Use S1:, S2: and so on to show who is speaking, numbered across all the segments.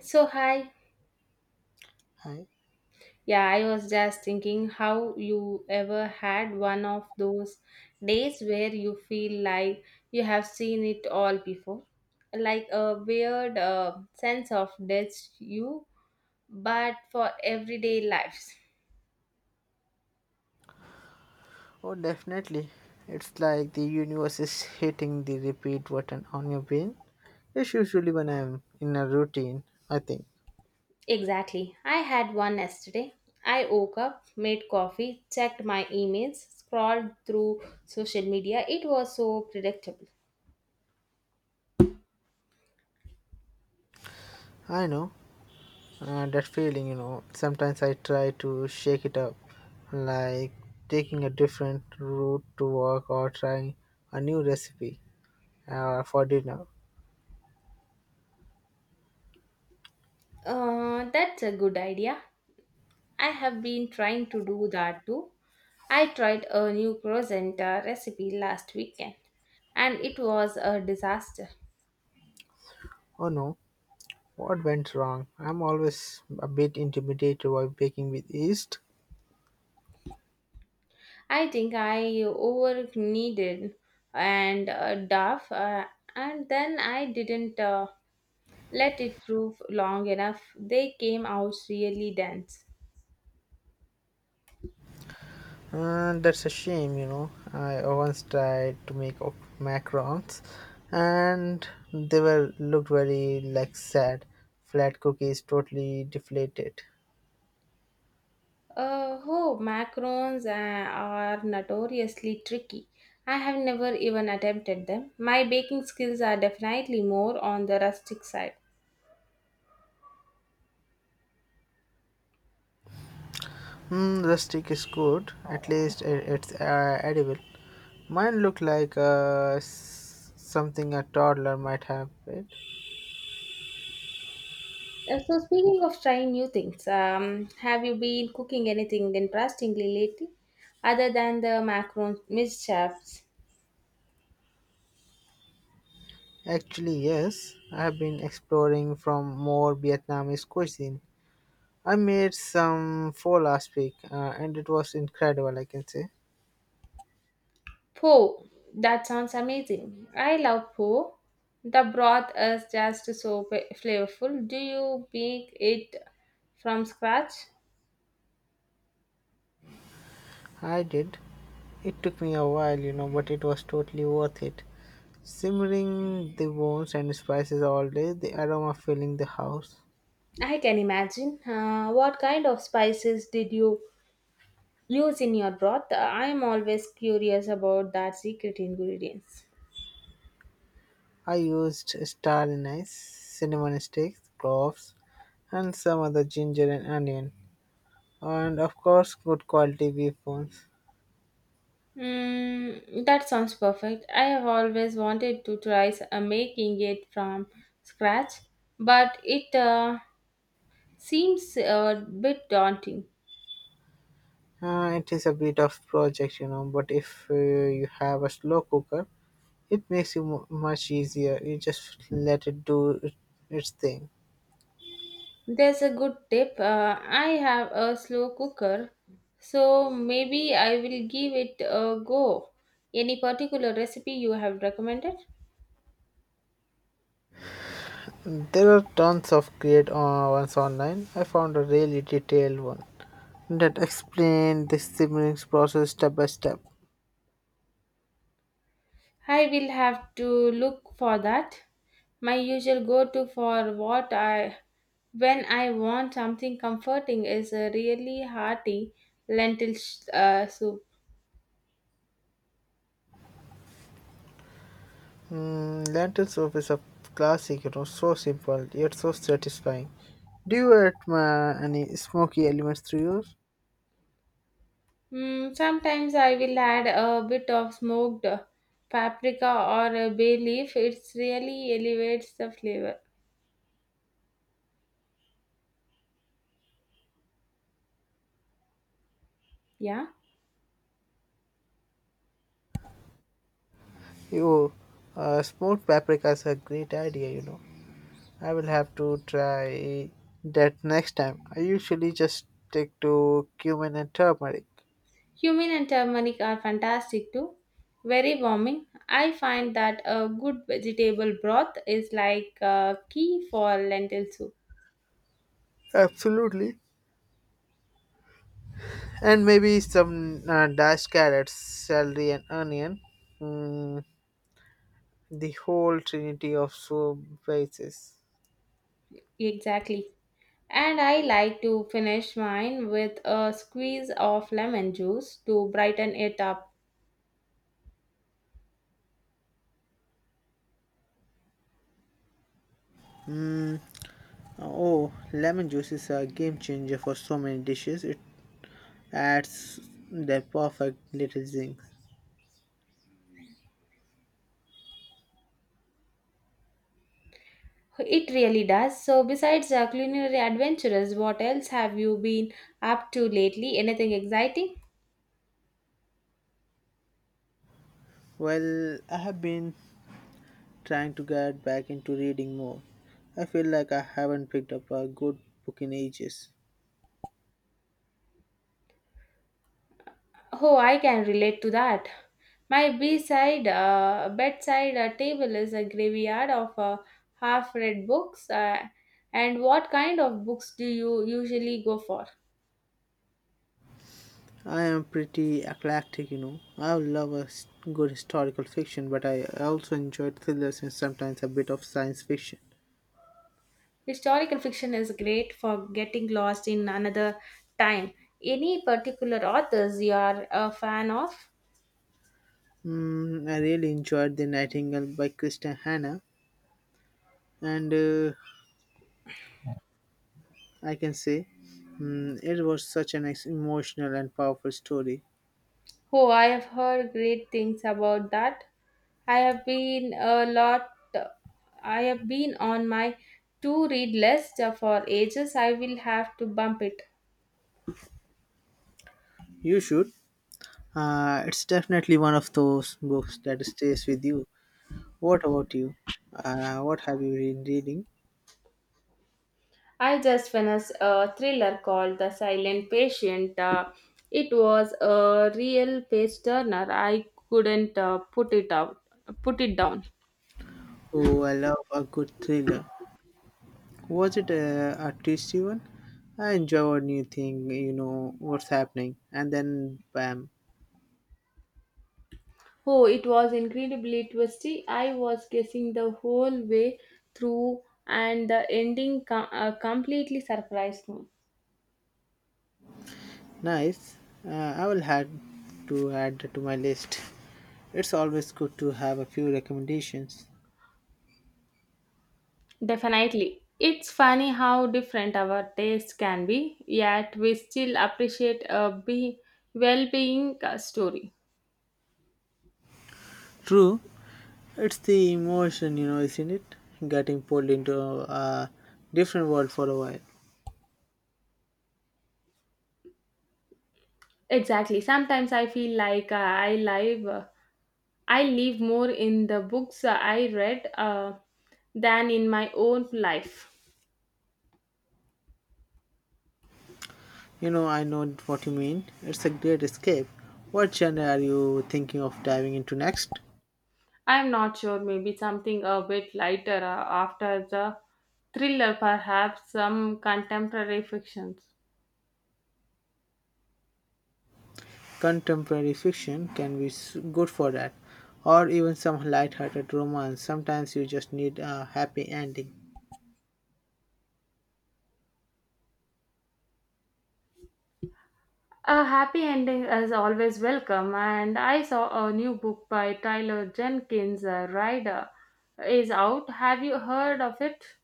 S1: So, hi.
S2: Hi.
S1: Yeah, I was just thinking how you ever had one of those days where you feel like you have seen it all before. Like a weird sense of deja vu, but for everyday lives.
S2: Oh, definitely. It's like the universe is hitting the repeat button on your brain. It's usually when I'm in a routine, I think.
S1: Exactly. I had one yesterday. I woke up, made coffee, checked my emails, scrolled through social media. It was so predictable.
S2: I know that feeling, you know. Sometimes I try to shake it up, like taking a different route to work or trying a new recipe for dinner.
S1: That's a good idea. I have been trying to do that too. I tried a new croissant recipe last weekend and it was a disaster.
S2: Oh no, what went wrong? I'm always a bit intimidated by baking with yeast.
S1: I think I over kneaded and duff and then I didn't let it proof long enough. They came out really dense.
S2: That's a shame, you know. I once tried to make macarons, and they were looked very like sad. Flat cookies, totally deflated.
S1: Oh, macarons are notoriously tricky. I have never even attempted them. My baking skills are definitely more on the rustic side.
S2: Hmm, rustic is good. At least it's edible. Mine looked like something a toddler might have it.
S1: So speaking of trying new things, have you been cooking anything interestingly lately, other than the macaron mischaps?
S2: Actually, yes, I have been exploring from more Vietnamese cuisine. I made some pho last week, and it was incredible. I can say.
S1: Po, that sounds amazing. I love po. The broth is just so flavorful. Do you make it from scratch?
S2: I did. It took me a while, you know, but it was totally worth it. Simmering the bones and spices all day, the aroma filling the house.
S1: I can imagine. What kind of spices did you use in your broth? I'm always curious about that secret ingredients.
S2: I used star anise, cinnamon sticks, cloves, and some other ginger and onion. And of course, good quality beef bones.
S1: Mm, that sounds perfect. I have always wanted to try making it from scratch, but it seems a bit daunting.
S2: It is a bit of project, you know, but if you have a slow cooker, it makes it mu much easier. You just let it do its thing.
S1: There's a good tip. I have a slow cooker, so maybe I will give it a go. Any particular recipe you have recommended?
S2: There are tons of great ones online. I found a really detailed one that explained the siblings process step by step.
S1: I will have to look for that. My usual go-to for what I when I want something comforting is a really hearty lentil soup.
S2: Mm, lentil soup is a classic, you know, so simple yet so satisfying. Do you add any smoky elements to yours?
S1: Mm, sometimes I will add a bit of smoked paprika or a bay leaf. It really elevates the flavor. Yeah,
S2: You, smoked paprika is a great idea, you know. I will have to try that next time. I usually just stick to cumin and turmeric.
S1: cumin and turmeric are fantastic too. Very warming. I find that a good vegetable broth is like a key for lentil soup.
S2: Absolutely. And maybe some dashed carrots, celery, and onion. Mm, the whole trinity of soup bases.
S1: Exactly. And I like to finish mine with a squeeze of lemon juice to brighten it up.
S2: Oh, lemon juice is a game changer for so many dishes. It adds the perfect little zing.
S1: It really does. So, besides culinary adventures, what else have you been up to lately? Anything exciting?
S2: Well, I have been trying to get back into reading more. I feel like I haven't picked up a good book in ages.
S1: Oh, I can relate to that. My bedside table is a graveyard of half-read books. And what kind of books do you usually go for?
S2: I am pretty eclectic, you know. I love a good historical fiction, but I also enjoyed thrillers and sometimes a bit of science fiction.
S1: Historical fiction is great for getting lost in another time. Any particular authors you are a fan of?
S2: Mm, I really enjoyed The Nightingale by Kristen Hanna, and I can say mm, it was such an emotional and powerful story.
S1: Oh, I have heard great things about that. I have been a lot. I have been on my to-read list for ages. I will have to bump it.
S2: You should. It's definitely one of those books that stays with you. What about you? What have you been reading?
S1: I just finished a thriller called The Silent Patient. It was a real page turner. I couldn't put it out, put it down.
S2: Oh, I love a good thriller. Was it a tasty one? I enjoy a new thing, you know what's happening, and then bam,
S1: Oh, it was incredibly twisty. I was guessing the whole way through, and the ending completely surprised me.
S2: nice. I will add to my list. It's always good to have a few recommendations.
S1: Definitely. It's funny how different our tastes can be, yet we still appreciate a well being story.
S2: True, it's the emotion, you know, isn't it? Getting pulled into a different world for a while.
S1: Exactly. Sometimes I feel like I live more in the books I read than in my own life.
S2: You know, I know what you mean. It's a great escape. What genre are you thinking of diving into next?
S1: I'm not sure, maybe something a bit lighter after the thriller, perhaps some contemporary fictions.
S2: Contemporary fiction can be good for that, or even some light-hearted romance. Sometimes you just need a happy ending.
S1: A happy ending is always welcome, and I saw a new book by Tyler Jenkins, Rider, is out. Have you heard of it?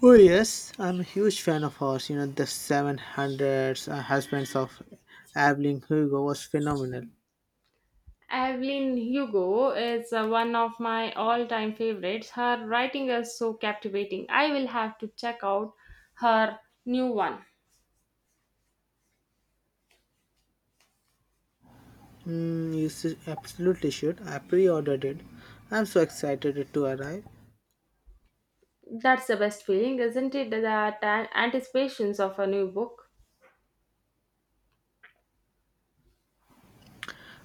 S2: Oh yes, I'm a huge fan of hers. You know, the 700s Husbands of Evelyn Hugo was phenomenal.
S1: Evelyn Hugo is one of my all time favorites. Her writing is so captivating. I will have to check out her new one.
S2: Mm, you absolutely should. I pre-ordered it. I'm so excited it to arrive.
S1: That's the best feeling, isn't it? That anticipations of a new book.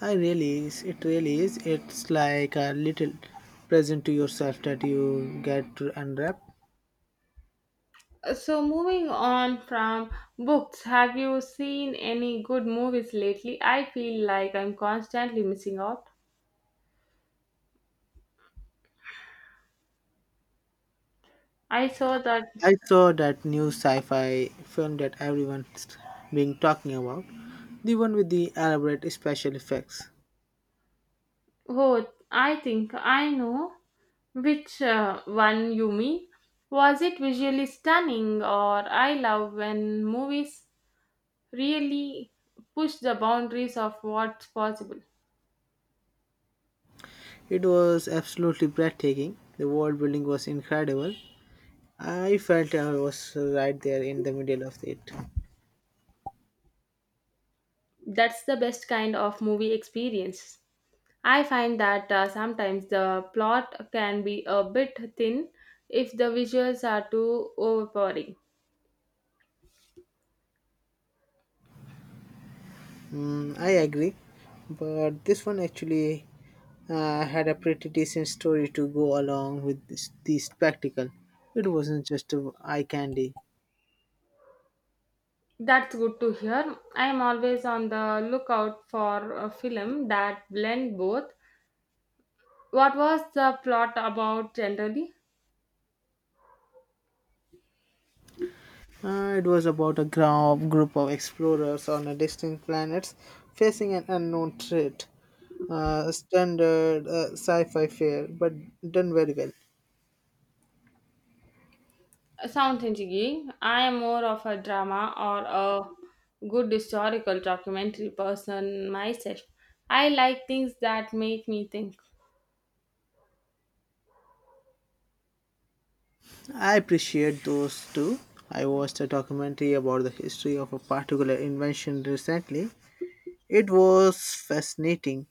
S2: I really is. It really is. It's like a little present to yourself that you get to unwrap.
S1: So, moving on from books, have you seen any good movies lately? I feel like I'm constantly missing out. I saw that.
S2: I saw that new sci-fi film that everyone's been talking about, the one with the elaborate special effects.
S1: Oh, I think I know which one you mean. Was it visually stunning, or I love when movies really push the boundaries of what's possible?
S2: It was absolutely breathtaking. The world building was incredible. I felt I was right there in the middle of it.
S1: That's the best kind of movie experience. I find that sometimes the plot can be a bit thin if the visuals are too overpowering.
S2: Mm, I agree, but this one actually had a pretty decent story to go along with this, the spectacle. It wasn't just a eye candy.
S1: That's good to hear. I am always on the lookout for a film that blend both. What was the plot about generally?
S2: It was about a group of explorers on a distant planet facing an unknown threat. Standard sci-fi fare, but done very well.
S1: Sounds intriguing. I am more of a drama or a good historical documentary person myself. I like things that make me think.
S2: I appreciate those too. I watched a documentary about the history of a particular invention recently. It was fascinating.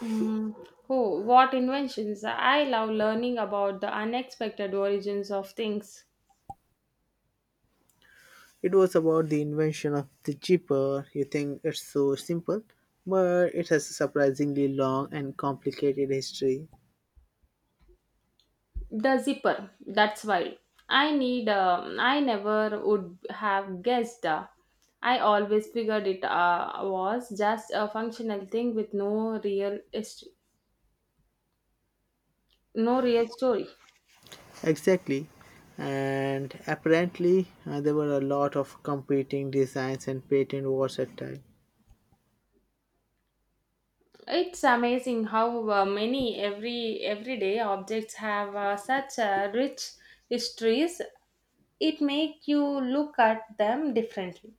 S1: Mm. Oh, what inventions! I love learning about the unexpected origins of things.
S2: It was about the invention of the jeeper. You think it's so simple, but it has a surprisingly long and complicated history.
S1: The zipper, that's wild. I need. I never would have guessed. I always figured it was just a functional thing with no real history, no real story.
S2: Exactly. And apparently, there were a lot of competing designs and patent wars at time.
S1: It's amazing how many every everyday objects have such rich histories. It make you look at them differently.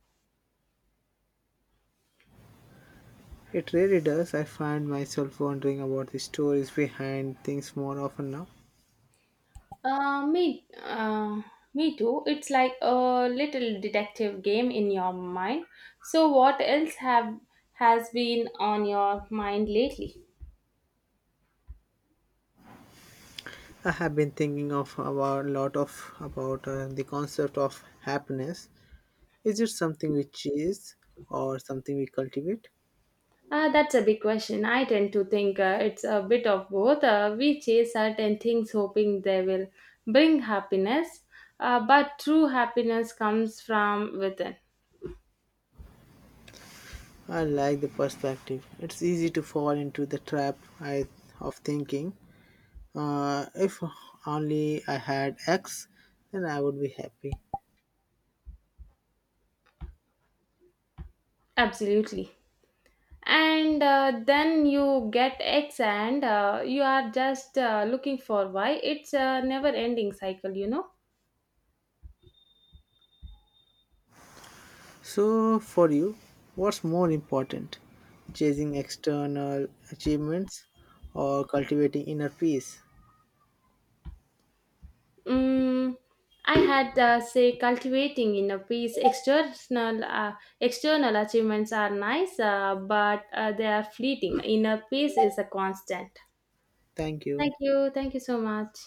S2: It really does. I find myself wondering about the stories behind things more often now.
S1: Uh, me, uh, me too. It's like a little detective game in your mind. So, what else have has been on your mind lately?
S2: I have been thinking of about a lot of about the concept of happiness. Is it something we chase or something we cultivate?
S1: That's a big question. I tend to think it's a bit of both. We chase certain things hoping they will bring happiness, but true happiness comes from within.
S2: I like the perspective. It's easy to fall into the trap of thinking if only I had X, then I would be happy.
S1: Absolutely. And then you get x and you are just looking for y. It's a never ending cycle, you know.
S2: So, for you, what's more important? Chasing external achievements or cultivating inner peace?
S1: Mm, I had say cultivating in a piece external external achievements are nice but they are fleeting. Inner peace is a constant.
S2: Thank you.
S1: Thank you. Thank you so much.